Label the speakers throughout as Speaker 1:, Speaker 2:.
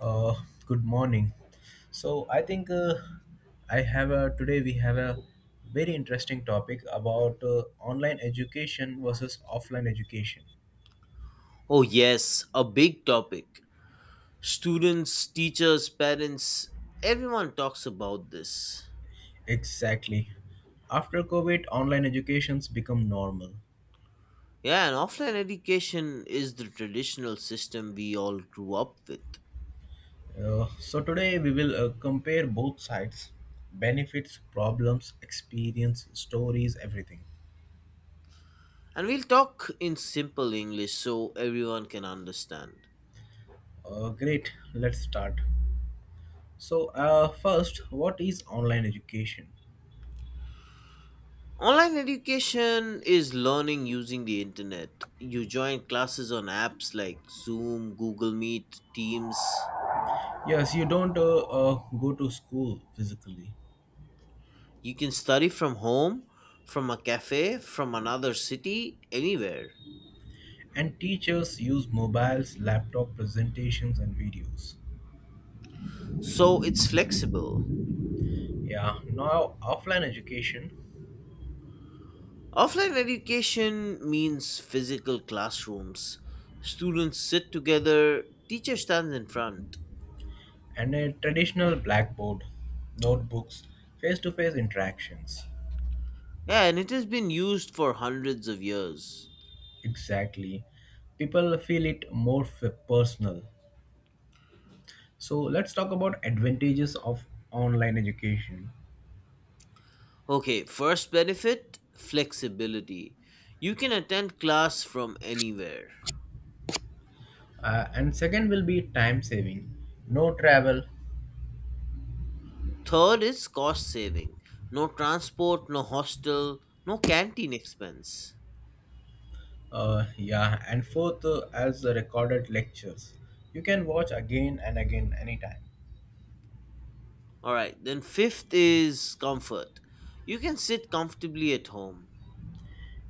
Speaker 1: Uh, Good morning. So I think I have a Today we have a very interesting topic about online education versus offline education.
Speaker 2: Oh, yes, a big topic. Students, teachers, parents, everyone talks about this.
Speaker 1: Exactly. After COVID, online educations become normal.
Speaker 2: Yeah, and offline education is the traditional system we all grew up with.
Speaker 1: So today we will compare both sides, benefits, problems, experience, stories, everything.
Speaker 2: And we'll talk in simple English so everyone can understand.
Speaker 1: Great. Let's start. First, what is online education?
Speaker 2: Online education is learning using the internet. You join classes on apps like Zoom, Google Meet, Teams.
Speaker 1: Yes, you don't go to school physically.
Speaker 2: You can study from home, from a cafe, from another city, anywhere.
Speaker 1: And teachers use mobiles, laptop presentations, and videos.
Speaker 2: So it's flexible.
Speaker 1: Yeah, now offline education
Speaker 2: Offline education means physical classrooms. Students sit together, teacher stands in front.
Speaker 1: and a traditional blackboard, notebooks, face to face interactions.
Speaker 2: Yeah, and it has been used for hundreds of years.
Speaker 1: Exactly. People feel it more personal. So let's talk about advantages of online education.
Speaker 2: Okay, first benefit flexibility. You can attend class from anywhere.
Speaker 1: And second will be time saving. No travel.
Speaker 2: Third is cost saving. No transport, no hostel, no canteen expense.
Speaker 1: Yeah, and fourth, as the recorded lectures, you can watch again and again anytime.
Speaker 2: Alright, then fifth is comfort. You can sit comfortably at home.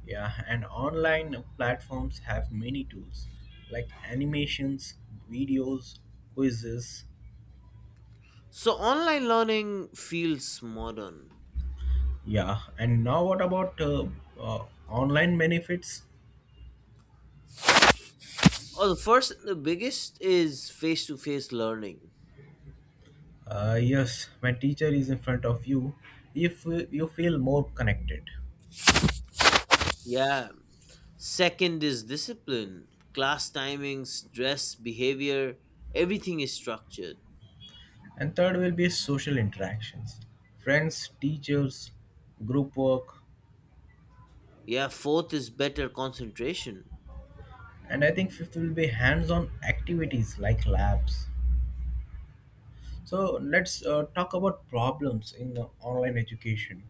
Speaker 1: Yeah, and online platforms have many tools like animations, videos, quizzes.
Speaker 2: So online learning feels modern.
Speaker 1: Yeah, and now what about online benefits?
Speaker 2: Oh, the first, and the biggest is face to face learning.
Speaker 1: Yes, when teacher is in front of you, if you feel more connected.
Speaker 2: Yeah. Second is discipline, class timings, dress, behavior, everything is structured.
Speaker 1: And third will be social interactions, friends, teachers, group work,
Speaker 2: Yeah. Fourth is better concentration.
Speaker 1: and I think fifth will be hands-on activities like labs. So let's talk about problems in online education.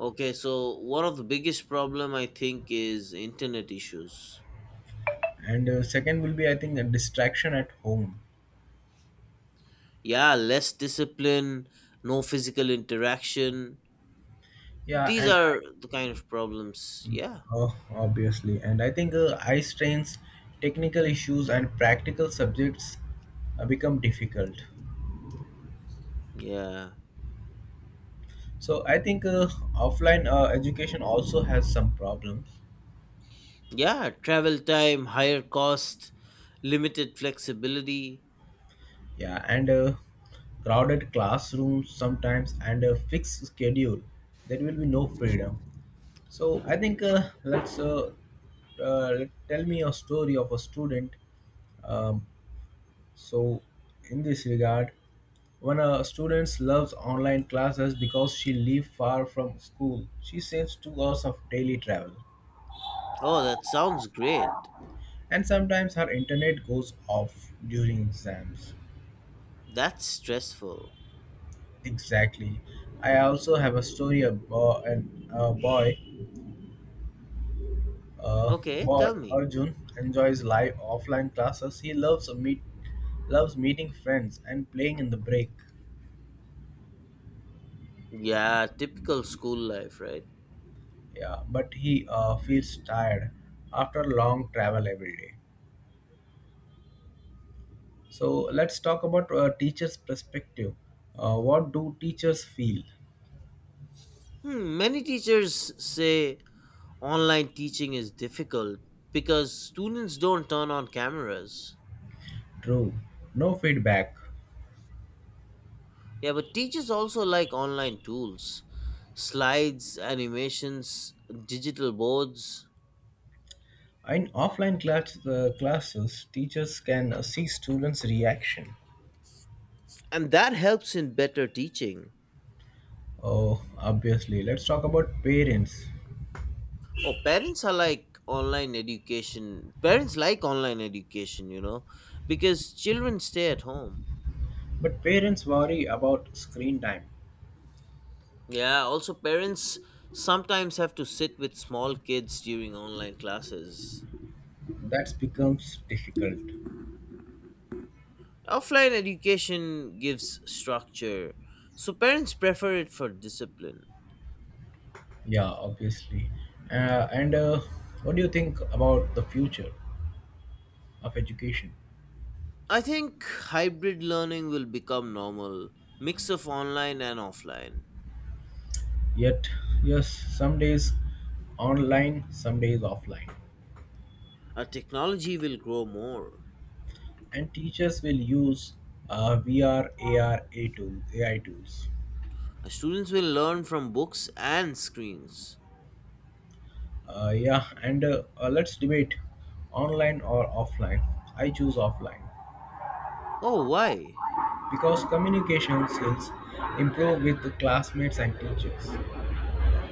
Speaker 2: Okay, so one of the biggest problem I think is internet issues.
Speaker 1: And second will be, I think, a distraction at home.
Speaker 2: Yeah, less discipline, no physical interaction.
Speaker 1: yeah
Speaker 2: These
Speaker 1: and i
Speaker 2: are the kind of problems. Yeah.
Speaker 1: oh, obviously, and I think eye strains, technical issues, and practical subjects become difficult.
Speaker 2: Yeah.
Speaker 1: So I think offline education also has some problems.
Speaker 2: Yeah, travel time, higher cost, limited flexibility.
Speaker 1: Yeah, and crowded classrooms sometimes, and a fixed schedule. There will be no freedom. So I think let's uh, tell me a story of a student. Um, so in this regard, when a student loves online classes because she lives far from school, she saves 2 hours of daily travel,
Speaker 2: Oh, that sounds great.
Speaker 1: and sometimes her internet goes off during exams.
Speaker 2: That's stressful.
Speaker 1: Exactly. I also have a story about an a boy, uh,
Speaker 2: Okay,
Speaker 1: boy
Speaker 2: tell me.
Speaker 1: Arjun enjoys live offline classes. He loves meeting friends and playing in the break.
Speaker 2: Yeah, typical school life, right?
Speaker 1: Yeah, but he feels tired after long travel every day. So let's talk about teachers' perspective. What do teachers feel?
Speaker 2: Hmm, many teachers say online teaching is difficult because students don't turn on cameras.
Speaker 1: True. No feedback.
Speaker 2: Yeah, but teachers also like online tools, slides, animations, digital boards,
Speaker 1: In offline classes, teachers can see students' reaction.
Speaker 2: and that helps in better teaching.
Speaker 1: Oh, obviously. Let's talk about parents.
Speaker 2: Oh, parents are like online education. Parents like online education, because children stay at home.
Speaker 1: But parents worry about screen time.
Speaker 2: Yeah, also parents sometimes have to sit with small kids during online classes.
Speaker 1: That becomes difficult.
Speaker 2: Offline education gives structure, so parents prefer it for discipline.
Speaker 1: Yeah, obviously. And What do you think about the future of education?
Speaker 2: I think hybrid learning will become normal, mix of online and offline.
Speaker 1: Yet, yes, some days online, some days offline.
Speaker 2: Our technology will grow more.
Speaker 1: And teachers will use VR, AR, A R, AI tools.
Speaker 2: Our students will learn from books and screens.
Speaker 1: Yeah, and Let's debate online or offline. I choose offline,
Speaker 2: Oh, why?
Speaker 1: because communication skills improve with the classmates and teachers. True,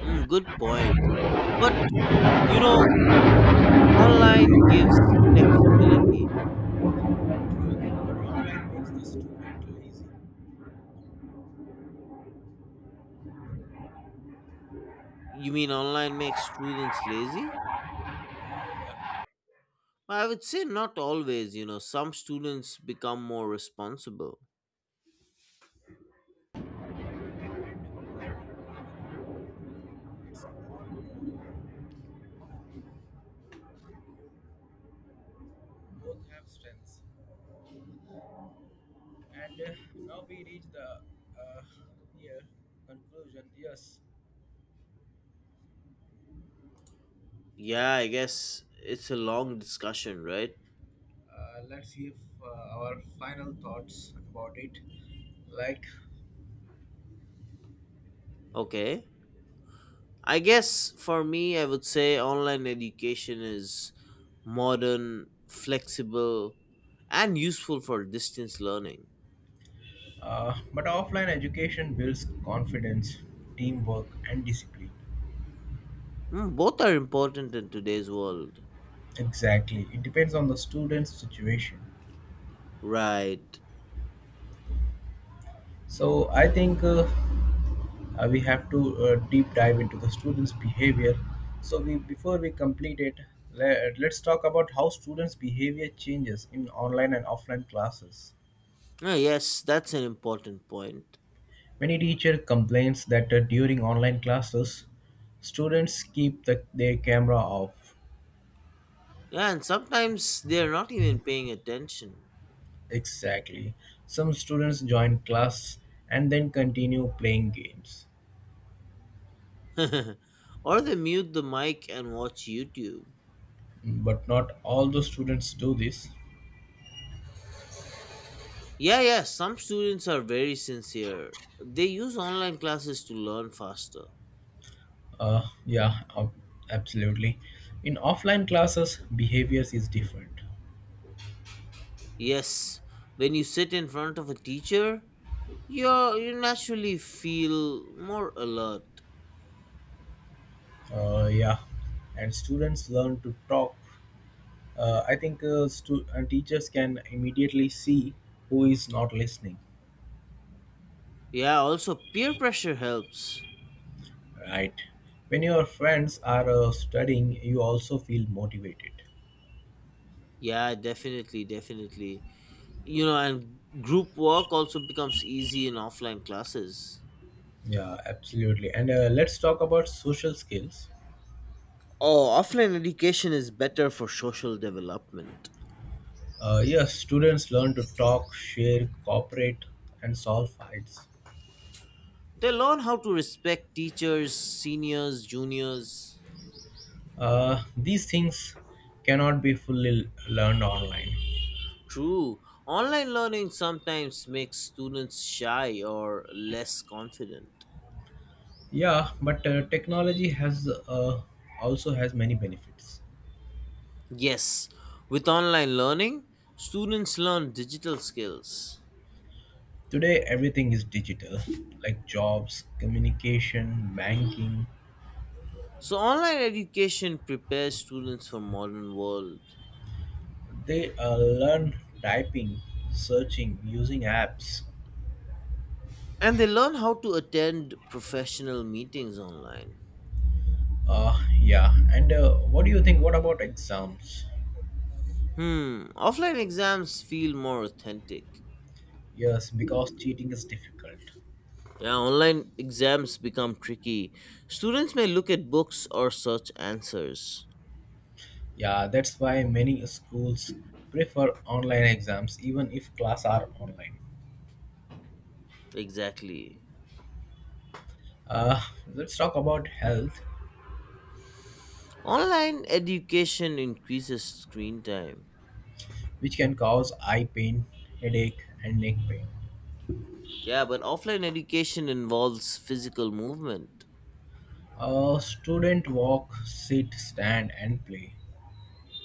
Speaker 2: Mm, good point. But you know, online gives flexibility.
Speaker 1: but online makes the student lazy.
Speaker 2: You mean online makes students lazy? I would say not always, some students become more responsible.
Speaker 1: Both have strengths. And Now we reach the uh, here conclusion. Yes,
Speaker 2: Yeah, I guess it's a long discussion, right?
Speaker 1: let's see if our final thoughts about it. Like,
Speaker 2: Okay. I guess for me, I would say online education is modern, flexible, and useful for distance learning.
Speaker 1: but offline education builds confidence, teamwork, and discipline.
Speaker 2: Hmm, both are important in today's world.
Speaker 1: Exactly, it depends on the student's situation.
Speaker 2: Right.
Speaker 1: So I think. We have to deep dive into the students behavior, so we before we complete it, let's talk about how students behavior changes in online and offline classes.
Speaker 2: Oh, yes, that's an important point.
Speaker 1: Many teacher complains that during online classes students keep their camera off.
Speaker 2: Yeah, and sometimes they're not even paying attention.
Speaker 1: Exactly, some students join class and then continue playing games,
Speaker 2: Or they mute the mic and watch YouTube.
Speaker 1: but not all the students do this.
Speaker 2: Yeah, yeah, some students are very sincere. They use online classes to learn faster.
Speaker 1: Uh, yeah, ab- absolutely. In offline classes, behaviors is different.
Speaker 2: Yes, when you sit in front of a teacher, you naturally feel more alert.
Speaker 1: Yeah, and students learn to talk. Teachers can immediately see who is not listening.
Speaker 2: Yeah, also peer pressure helps.
Speaker 1: Right. When your friends are studying, you also feel motivated.
Speaker 2: Yeah, definitely, definitely. And group work also becomes easy in offline classes.
Speaker 1: Yeah, absolutely. And let's talk about social skills.
Speaker 2: Oh, offline education is better for social development.
Speaker 1: Yes, students learn to talk, share, cooperate, and solve fights.
Speaker 2: They learn how to respect teachers, seniors, juniors.
Speaker 1: These things cannot be fully learned online.
Speaker 2: True, online learning sometimes makes students shy or less confident.
Speaker 1: Yeah, but technology has also has many benefits.
Speaker 2: Yes, with online learning, students learn digital skills.
Speaker 1: Today, everything is digital, like jobs, communication, banking.
Speaker 2: So online education prepares students for modern world.
Speaker 1: They learn typing, searching, using apps.
Speaker 2: And they learn how to attend professional meetings online.
Speaker 1: Yeah, and what do you think? What about exams?
Speaker 2: Hmm, offline exams feel more authentic.
Speaker 1: Yes, because cheating is difficult.
Speaker 2: Yeah, online exams become tricky. Students may look at books or search answers.
Speaker 1: Yeah, that's why many schools prefer online exams even if class are online.
Speaker 2: Exactly.
Speaker 1: Uh, let's talk about health,
Speaker 2: Online education increases screen time.
Speaker 1: which can cause eye pain, headache, and neck pain.
Speaker 2: Yeah, but offline education involves physical movement.
Speaker 1: Student walk, sit, stand, and play.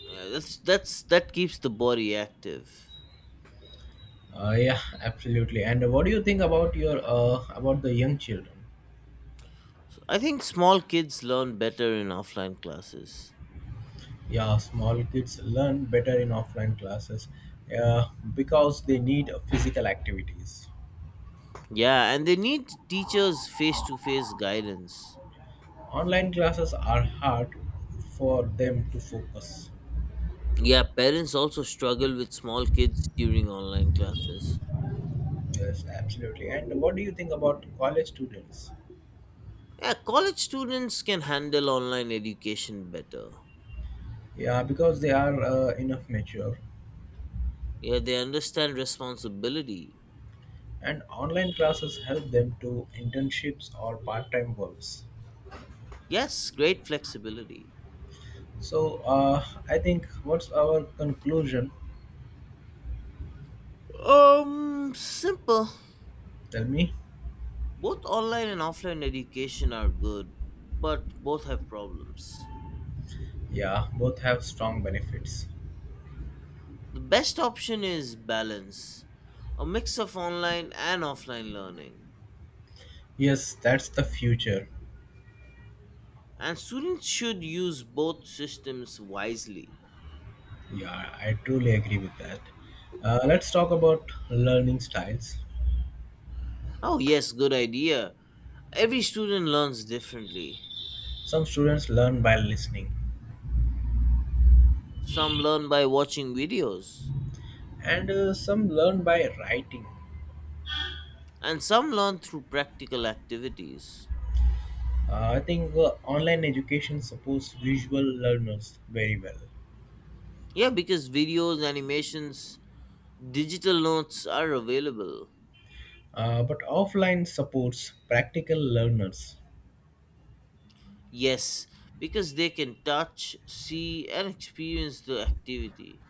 Speaker 2: Yeah, that's that keeps the body active.
Speaker 1: Yeah, absolutely. And what do you think about your about the young children?
Speaker 2: I think small kids learn better in offline classes.
Speaker 1: Yeah, small kids learn better in offline classes uh, because they need physical activities.
Speaker 2: Yeah, and they need teachers face to face guidance.
Speaker 1: Online classes are hard for them to focus.
Speaker 2: Yeah, parents also struggle with small kids during online classes.
Speaker 1: Yes, absolutely. And what do you think about college students?
Speaker 2: Yeah, college students can handle online education better.
Speaker 1: Yeah, because they are enough mature,
Speaker 2: Yeah, they understand responsibility.
Speaker 1: and online classes help them to internships or part-time works.
Speaker 2: Yes, great flexibility.
Speaker 1: So I think, what's our conclusion?
Speaker 2: Simple.
Speaker 1: Tell me.
Speaker 2: Both online and offline education are good, but both have problems.
Speaker 1: Yeah, both have strong benefits.
Speaker 2: The best option is balance, a mix of online and offline learning.
Speaker 1: Yes, that's the future.
Speaker 2: And students should use both systems wisely.
Speaker 1: Yeah, I truly agree with that. Let's talk about learning styles.
Speaker 2: Oh, yes, good idea. Every student learns differently.
Speaker 1: Some students learn by listening,
Speaker 2: Some learn by watching videos,
Speaker 1: and some learn by writing.
Speaker 2: and some learn through practical activities.
Speaker 1: I think online education supports visual learners very well.
Speaker 2: Yeah, because videos, animations, digital notes are available.
Speaker 1: But offline supports practical learners.
Speaker 2: Yes, because they can touch, see, and experience the activity.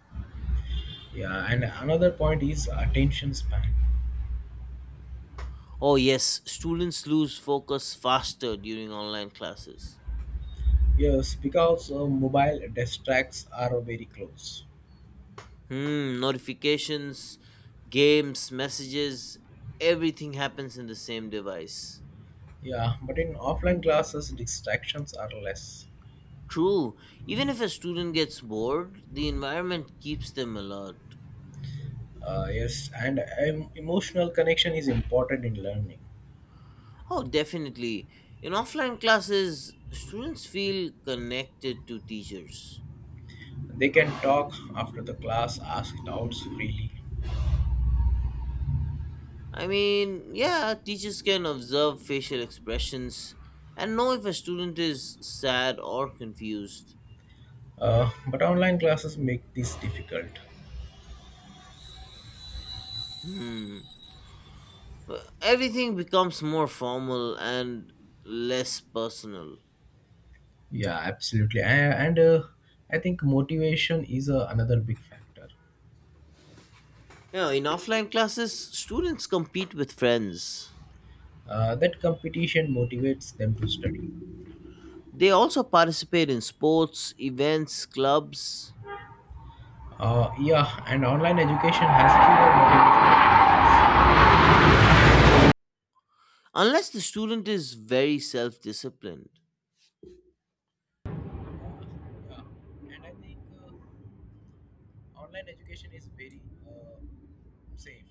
Speaker 1: Yeah, and another point is attention span.
Speaker 2: Oh, yes, students lose focus faster during online classes.
Speaker 1: Yes, because mobile distracts are very close.
Speaker 2: Hmm, notifications, games, messages, everything happens in the same device.
Speaker 1: Yeah, but in offline classes distractions are less.
Speaker 2: True, even if a student gets bored, the environment keeps them alert.
Speaker 1: Yes, and emotional connection is important in learning.
Speaker 2: Oh, definitely. In offline classes, students feel connected to teachers.
Speaker 1: They can talk after the class, ask doubts freely.
Speaker 2: I mean, yeah, teachers can observe facial expressions and know if a student is sad or confused.
Speaker 1: But online classes make this difficult.
Speaker 2: Hmm. Everything becomes more formal and less personal.
Speaker 1: Yeah, absolutely. And I think motivation is another big factor.
Speaker 2: In offline classes, students compete with friends.
Speaker 1: That competition motivates them to study.
Speaker 2: They also participate in sports, events, clubs,
Speaker 1: Yeah, and online education has fewer motivation.
Speaker 2: unless the student is very self disciplined.
Speaker 1: Yeah, and I think online education is very safe,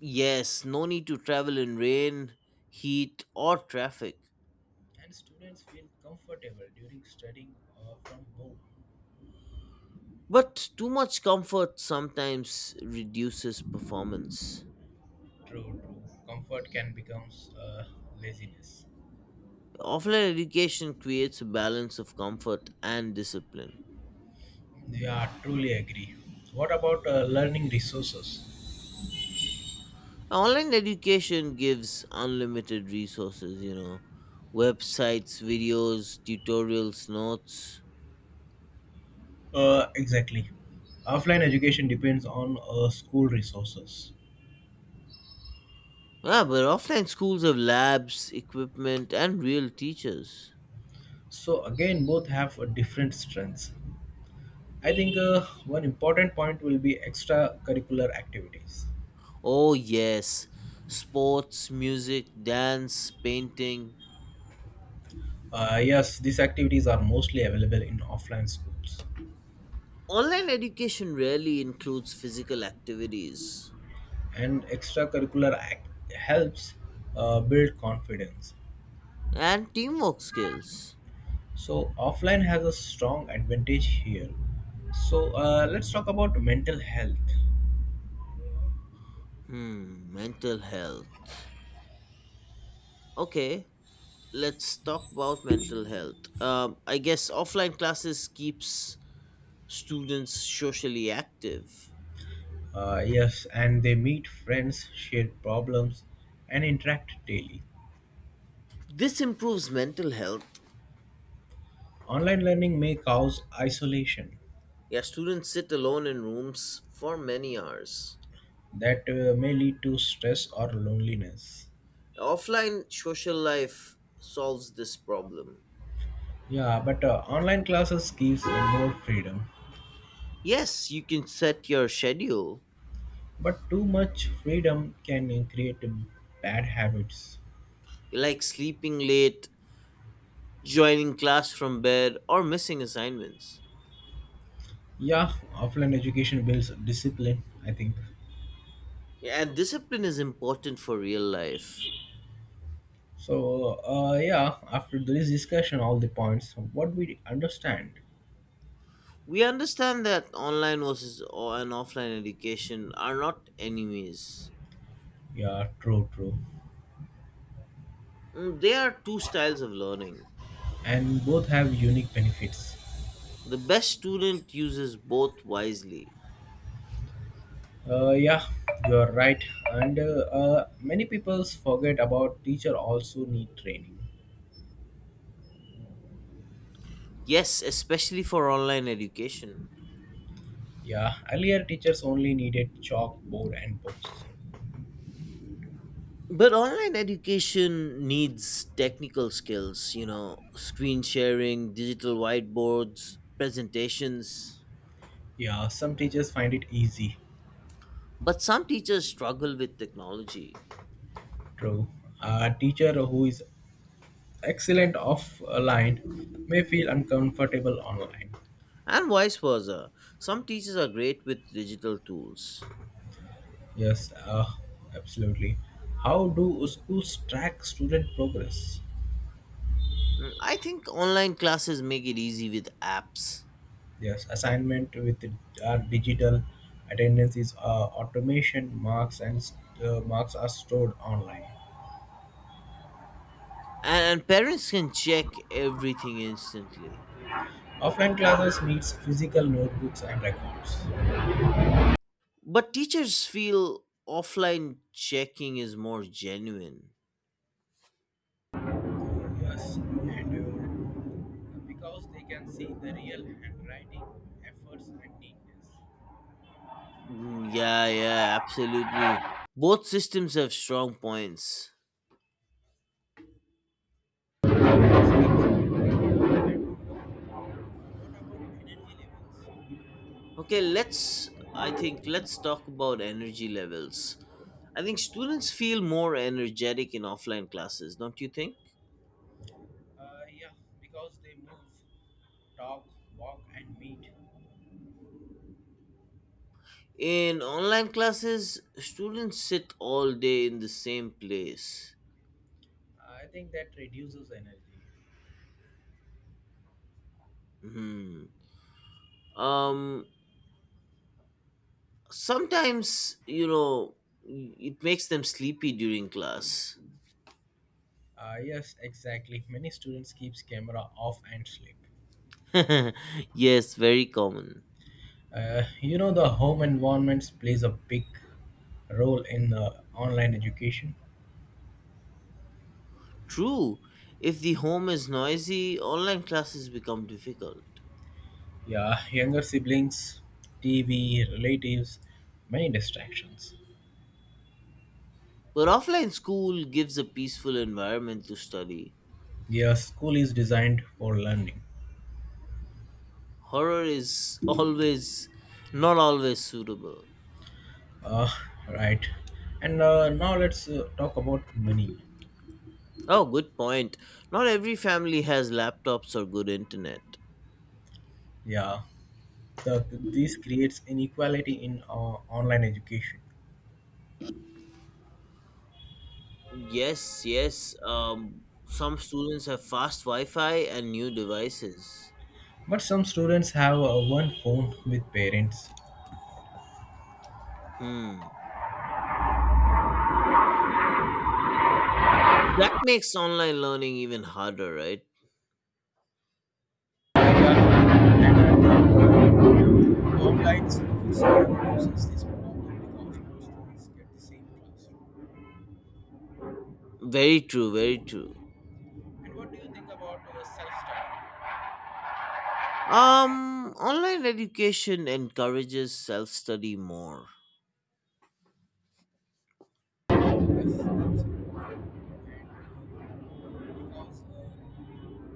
Speaker 2: Yes, no need to travel in rain, heat, or traffic.
Speaker 1: and students feel comfortable during studying from home.
Speaker 2: But too much comfort sometimes reduces performance.
Speaker 1: True, true. Comfort can become uh, laziness.
Speaker 2: Offline education creates a balance of comfort and discipline.
Speaker 1: Yeah, truly agree. What about learning resources?
Speaker 2: Online education gives unlimited resources, websites, videos, tutorials, notes.
Speaker 1: Exactly. Offline education depends on school resources.
Speaker 2: Yeah, but offline schools have labs, equipment, and real teachers.
Speaker 1: So again, both have different strengths. I think one important point will be extracurricular activities.
Speaker 2: Oh, yes, sports, music, dance, painting.
Speaker 1: Yes, these activities are mostly available in offline schools,
Speaker 2: Online education rarely includes physical activities
Speaker 1: and extracurricular act helps build confidence.
Speaker 2: and teamwork skills.
Speaker 1: So offline has a strong advantage here. So let's talk about mental health.
Speaker 2: Hmm, mental health. Okay, let's talk about mental health. I guess offline classes keeps students socially active.
Speaker 1: Yes, and they meet friends, share problems, and interact daily.
Speaker 2: This improves mental health.
Speaker 1: Online learning may cause isolation
Speaker 2: Yeah, students sit alone in rooms for many hours.
Speaker 1: that may lead to stress or loneliness.
Speaker 2: Offline social life solves this problem.
Speaker 1: Yeah, but online classes gives more freedom.
Speaker 2: Yes, you can set your schedule,
Speaker 1: But too much freedom can create bad habits.
Speaker 2: like sleeping late, joining class from bed, or missing assignments.
Speaker 1: Yeah, offline education builds discipline, I think.
Speaker 2: Yeah, and discipline is important for real life.
Speaker 1: So, yeah, after this discussion, all the points, what we understand.
Speaker 2: We understand that online versus and offline education are not enemies.
Speaker 1: Yeah, true, true.
Speaker 2: Mm, they are two styles of learning.
Speaker 1: And both have unique benefits.
Speaker 2: The best student uses both wisely.
Speaker 1: Yeah, you're right. And many people forget about teacher also need training.
Speaker 2: Yes, especially for online education.
Speaker 1: Yeah, earlier teachers only needed chalkboard and books.
Speaker 2: But online education needs technical skills, screen sharing, digital whiteboards, presentations.
Speaker 1: Yeah, some teachers find it easy.
Speaker 2: But some teachers struggle with technology,
Speaker 1: True. A teacher who is excellent offline may feel uncomfortable online.
Speaker 2: and vice versa. Some teachers are great with digital tools.
Speaker 1: Yes, absolutely. How do schools track student progress?
Speaker 2: Mm, I think online classes make it easy with apps,
Speaker 1: Yes, assignment with our digital attendance is automation marks and marks are stored online.
Speaker 2: and parents can check everything instantly.
Speaker 1: Offline classes needs physical notebooks and records.
Speaker 2: But teachers feel offline checking is more genuine.
Speaker 1: Yes, and because they can see the real handwriting, efforts and neatness.
Speaker 2: Mm, yeah, yeah, absolutely. Both systems have strong points.
Speaker 1: Yes, absolutely. And what about energy levels?
Speaker 2: Okay, I think, let's talk about energy levels. I think students feel more energetic in offline classes, don't you think?
Speaker 1: Yeah, because they move, talk, walk, and meet.
Speaker 2: In online classes, students sit all day in the same place.
Speaker 1: I think that reduces energy.
Speaker 2: Hmm. Um, Sometimes, it makes them sleepy during class.
Speaker 1: Yes, exactly. Many students keeps camera off and sleep.
Speaker 2: Yes, very common.
Speaker 1: You know the home environments plays a big role in the online education.
Speaker 2: True. If the home is noisy, online classes become difficult.
Speaker 1: Yeah, younger siblings, TV, relatives, many distractions.
Speaker 2: But offline school gives a peaceful environment to study.
Speaker 1: Yeah, school is designed for learning.
Speaker 2: Horror is always not always suitable.
Speaker 1: Uh, right. And now let's talk about money.
Speaker 2: Oh, good point. Not every family has laptops or good internet.
Speaker 1: Yeah, the, this creates inequality in online education.
Speaker 2: Yes, yes. Some students have fast Wi Fi and new devices.
Speaker 1: But some students have one phone with parents.
Speaker 2: Hmm. That makes online learning even harder, right?
Speaker 1: Yeah, and I think online schools reduces this problem because more students get the same classroom.
Speaker 2: Very true, very true.
Speaker 1: And what do you think about self-study?
Speaker 2: Online education encourages self study more.
Speaker 1: Yes, absolutely. And uh, because uh,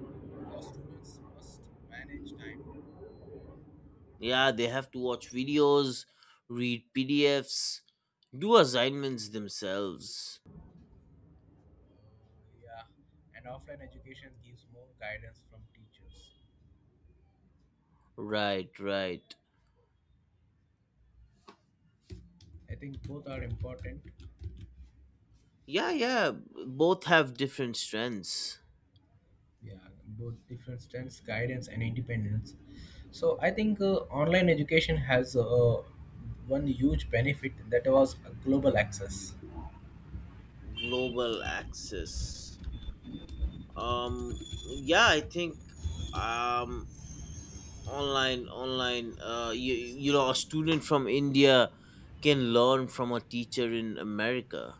Speaker 1: because students must manage time.
Speaker 2: Yeah, they have to watch videos, read PDFs, do assignments themselves.
Speaker 1: Yeah, and offline education gives more guidance from teachers.
Speaker 2: Right, right.
Speaker 1: I think both are important.
Speaker 2: Yeah, yeah. Both have different strengths.
Speaker 1: Yeah, both different strengths, guidance and independence. So I think online education has one huge benefit that was global access,
Speaker 2: Global access. Yeah, I think um, online. You know, a student from India can learn from a teacher in America.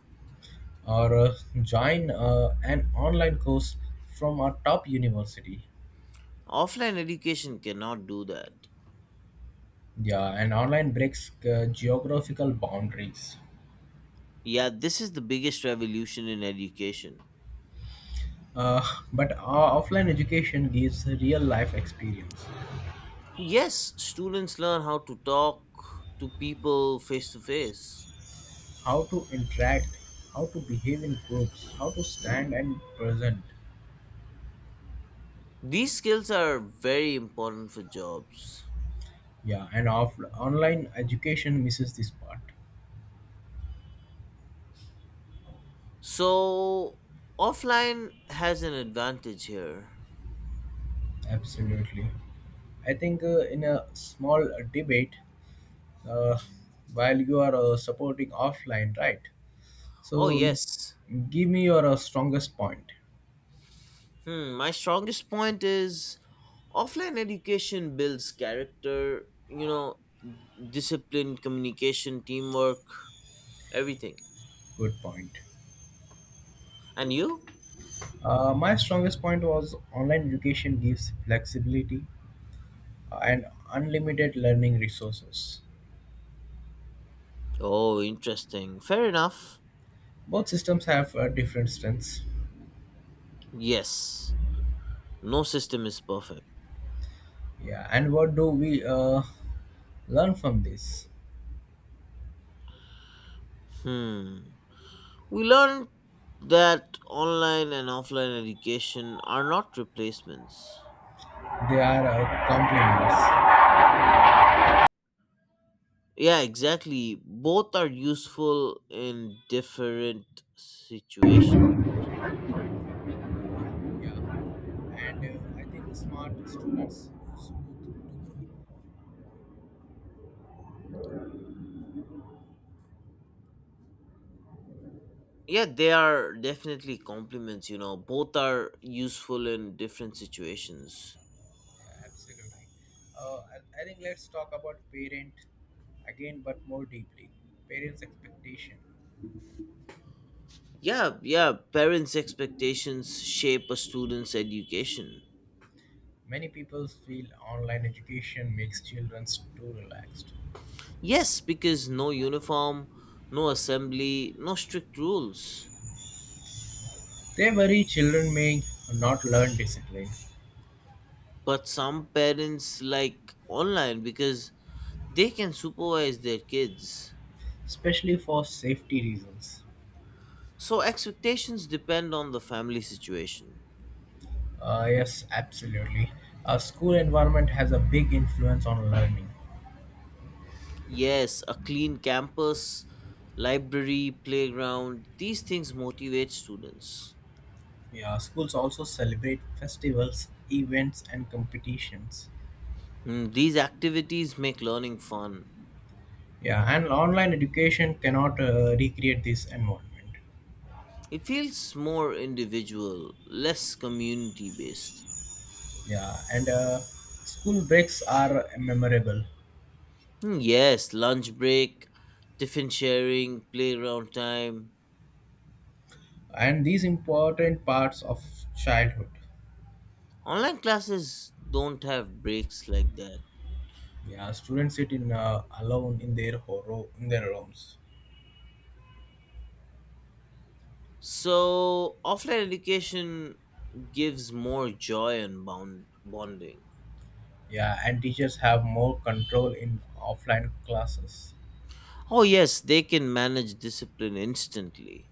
Speaker 1: or join an online course from a top university.
Speaker 2: Offline education cannot do that.
Speaker 1: Yeah, and online breaks geographical boundaries.
Speaker 2: Yeah, this is the biggest revolution in education.
Speaker 1: uh, but our offline education gives a real life experience,
Speaker 2: Yes, students learn how to talk to people face to face.
Speaker 1: how to interact, how to behave in groups, how to stand and present.
Speaker 2: These skills are very important for jobs.
Speaker 1: Yeah, and off online education misses this part.
Speaker 2: So offline has an advantage here.
Speaker 1: Absolutely. I think in a small debate, uh, while you are supporting offline, right?
Speaker 2: Oh
Speaker 1: So
Speaker 2: yes.
Speaker 1: give me your strongest point.
Speaker 2: Hmm, my strongest point is offline education builds character, discipline, communication, teamwork, everything.
Speaker 1: Good point.
Speaker 2: And you?
Speaker 1: My strongest point was online education gives flexibility and unlimited learning resources.
Speaker 2: Oh, interesting. Fair enough.
Speaker 1: Both systems have different strengths.
Speaker 2: Yes. No system is perfect.
Speaker 1: Yeah, and what do we learn from this?
Speaker 2: Hmm. We learned that online and offline education are not replacements.
Speaker 1: They are complements.
Speaker 2: Yeah, exactly. Both are useful in different situations.
Speaker 1: Yeah, and I think smart students smooth.
Speaker 2: Yeah, they are definitely complements, Both are useful in different situations.
Speaker 1: Yeah, absolutely. Uh, I, I think let's talk about parent again, but more deeply. Parents' expectation.
Speaker 2: Yeah, yeah, parents' expectations shape a student's education.
Speaker 1: Many people feel online education makes children too relaxed.
Speaker 2: Yes, because no uniform, no assembly, no strict rules.
Speaker 1: They worry children may not learn discipline,
Speaker 2: But some parents like online because they can supervise their kids.
Speaker 1: especially for safety reasons.
Speaker 2: So expectations depend on the family situation.
Speaker 1: Yes, absolutely. A school environment has a big influence on learning.
Speaker 2: Yes, a clean campus, library, playground, these things motivate students.
Speaker 1: Yeah, schools also celebrate festivals, events, and competitions.
Speaker 2: Mm, these activities make learning fun.
Speaker 1: Yeah, and online education cannot recreate this environment.
Speaker 2: It feels more individual, less community based.
Speaker 1: Yeah, and school breaks are memorable,
Speaker 2: Hmm, yes, lunch break, tiffin sharing, playground time.
Speaker 1: and these important parts of childhood.
Speaker 2: Online classes don't have breaks like that.
Speaker 1: Yeah, students sit in alone in their in their rooms.
Speaker 2: So offline education gives more joy and bonding.
Speaker 1: Yeah, and teachers have more control in offline classes.
Speaker 2: Oh yes, they can manage discipline instantly.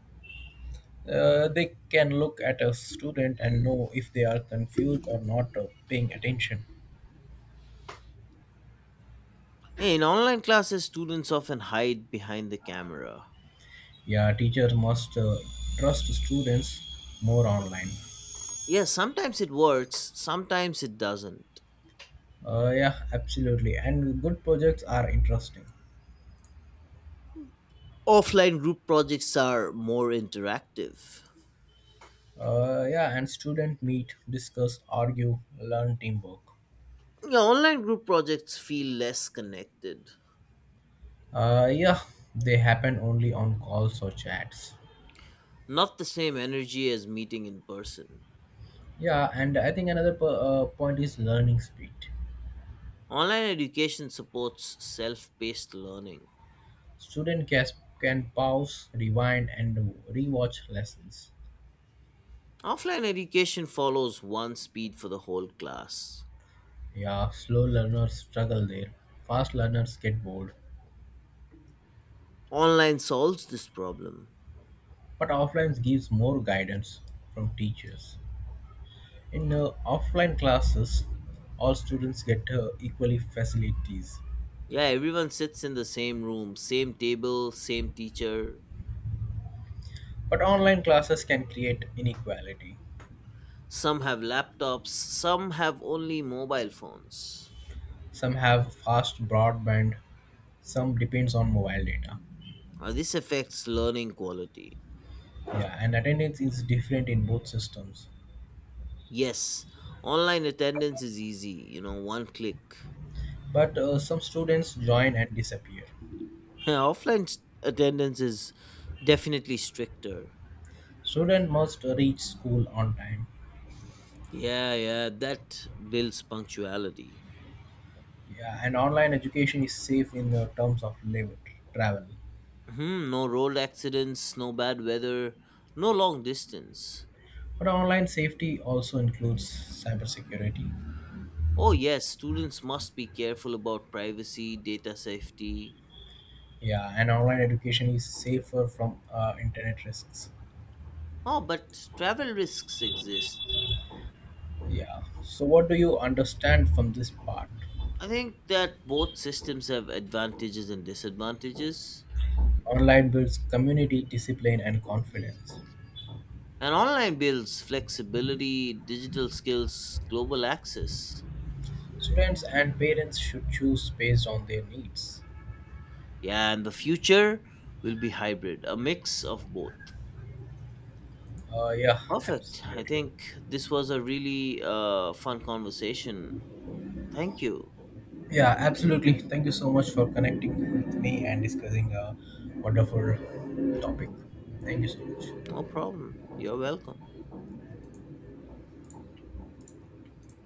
Speaker 1: They can look at a student and know if they are confused or not paying attention.
Speaker 2: In online classes, students often hide behind the camera.
Speaker 1: Yeah, teachers must trust students more online.
Speaker 2: Yes, sometimes it works, sometimes it doesn't.
Speaker 1: Yeah, absolutely, and good projects are interesting.
Speaker 2: Offline group projects are more interactive.
Speaker 1: Yeah, and student meet, discuss, argue, learn teamwork.
Speaker 2: Yeah, online group projects feel less connected,
Speaker 1: Yeah, they happen only on calls or chats.
Speaker 2: not the same energy as meeting in person.
Speaker 1: Yeah, and I think another point is learning speed.
Speaker 2: Online education supports self paced learning.
Speaker 1: Student can pause, rewind and rewatch lessons.
Speaker 2: Offline education follows one speed for the whole class.
Speaker 1: Yeah, slow learners struggle there, fast learners get bored.
Speaker 2: Online solves this problem.
Speaker 1: But offline gives more guidance from teachers. In offline classes, all students get equally facilities.
Speaker 2: Yeah, everyone sits in the same room, same table, same teacher.
Speaker 1: But online classes can create inequality.
Speaker 2: Some have laptops, some have only mobile phones.
Speaker 1: Some have fast broadband, some depends on mobile data.
Speaker 2: Now, this affects learning quality.
Speaker 1: Yeah, and attendance is different in both systems.
Speaker 2: Yes, online attendance is easy, one click.
Speaker 1: But some students join and disappear.
Speaker 2: Offline attendance is definitely stricter.
Speaker 1: Student must reach school on time.
Speaker 2: Yeah, yeah, that builds punctuality.
Speaker 1: Yeah, and online education is safe in the terms of labor, travel.
Speaker 2: Hmm, no road accidents, no bad weather, no long distance.
Speaker 1: But online safety also includes cybersecurity.
Speaker 2: Oh, yes, students must be careful about privacy, data safety.
Speaker 1: Yeah, and online education is safer from internet risks.
Speaker 2: Oh, but travel risks exist.
Speaker 1: Yeah. So, what do you understand from this part?
Speaker 2: I think that both systems have advantages and disadvantages.
Speaker 1: Online builds community, discipline, and confidence.
Speaker 2: And online builds flexibility, digital skills, global access.
Speaker 1: Students and parents should choose based on their needs.
Speaker 2: Yeah, and the future will be hybrid, a mix of both.
Speaker 1: Yeah,
Speaker 2: Perfect. I
Speaker 1: absolutely.
Speaker 2: think this was a really fun conversation. Thank you.
Speaker 1: Yeah, absolutely. Thank you so much for connecting with me and discussing a wonderful topic. Thank you so much.
Speaker 2: No problem. You're welcome.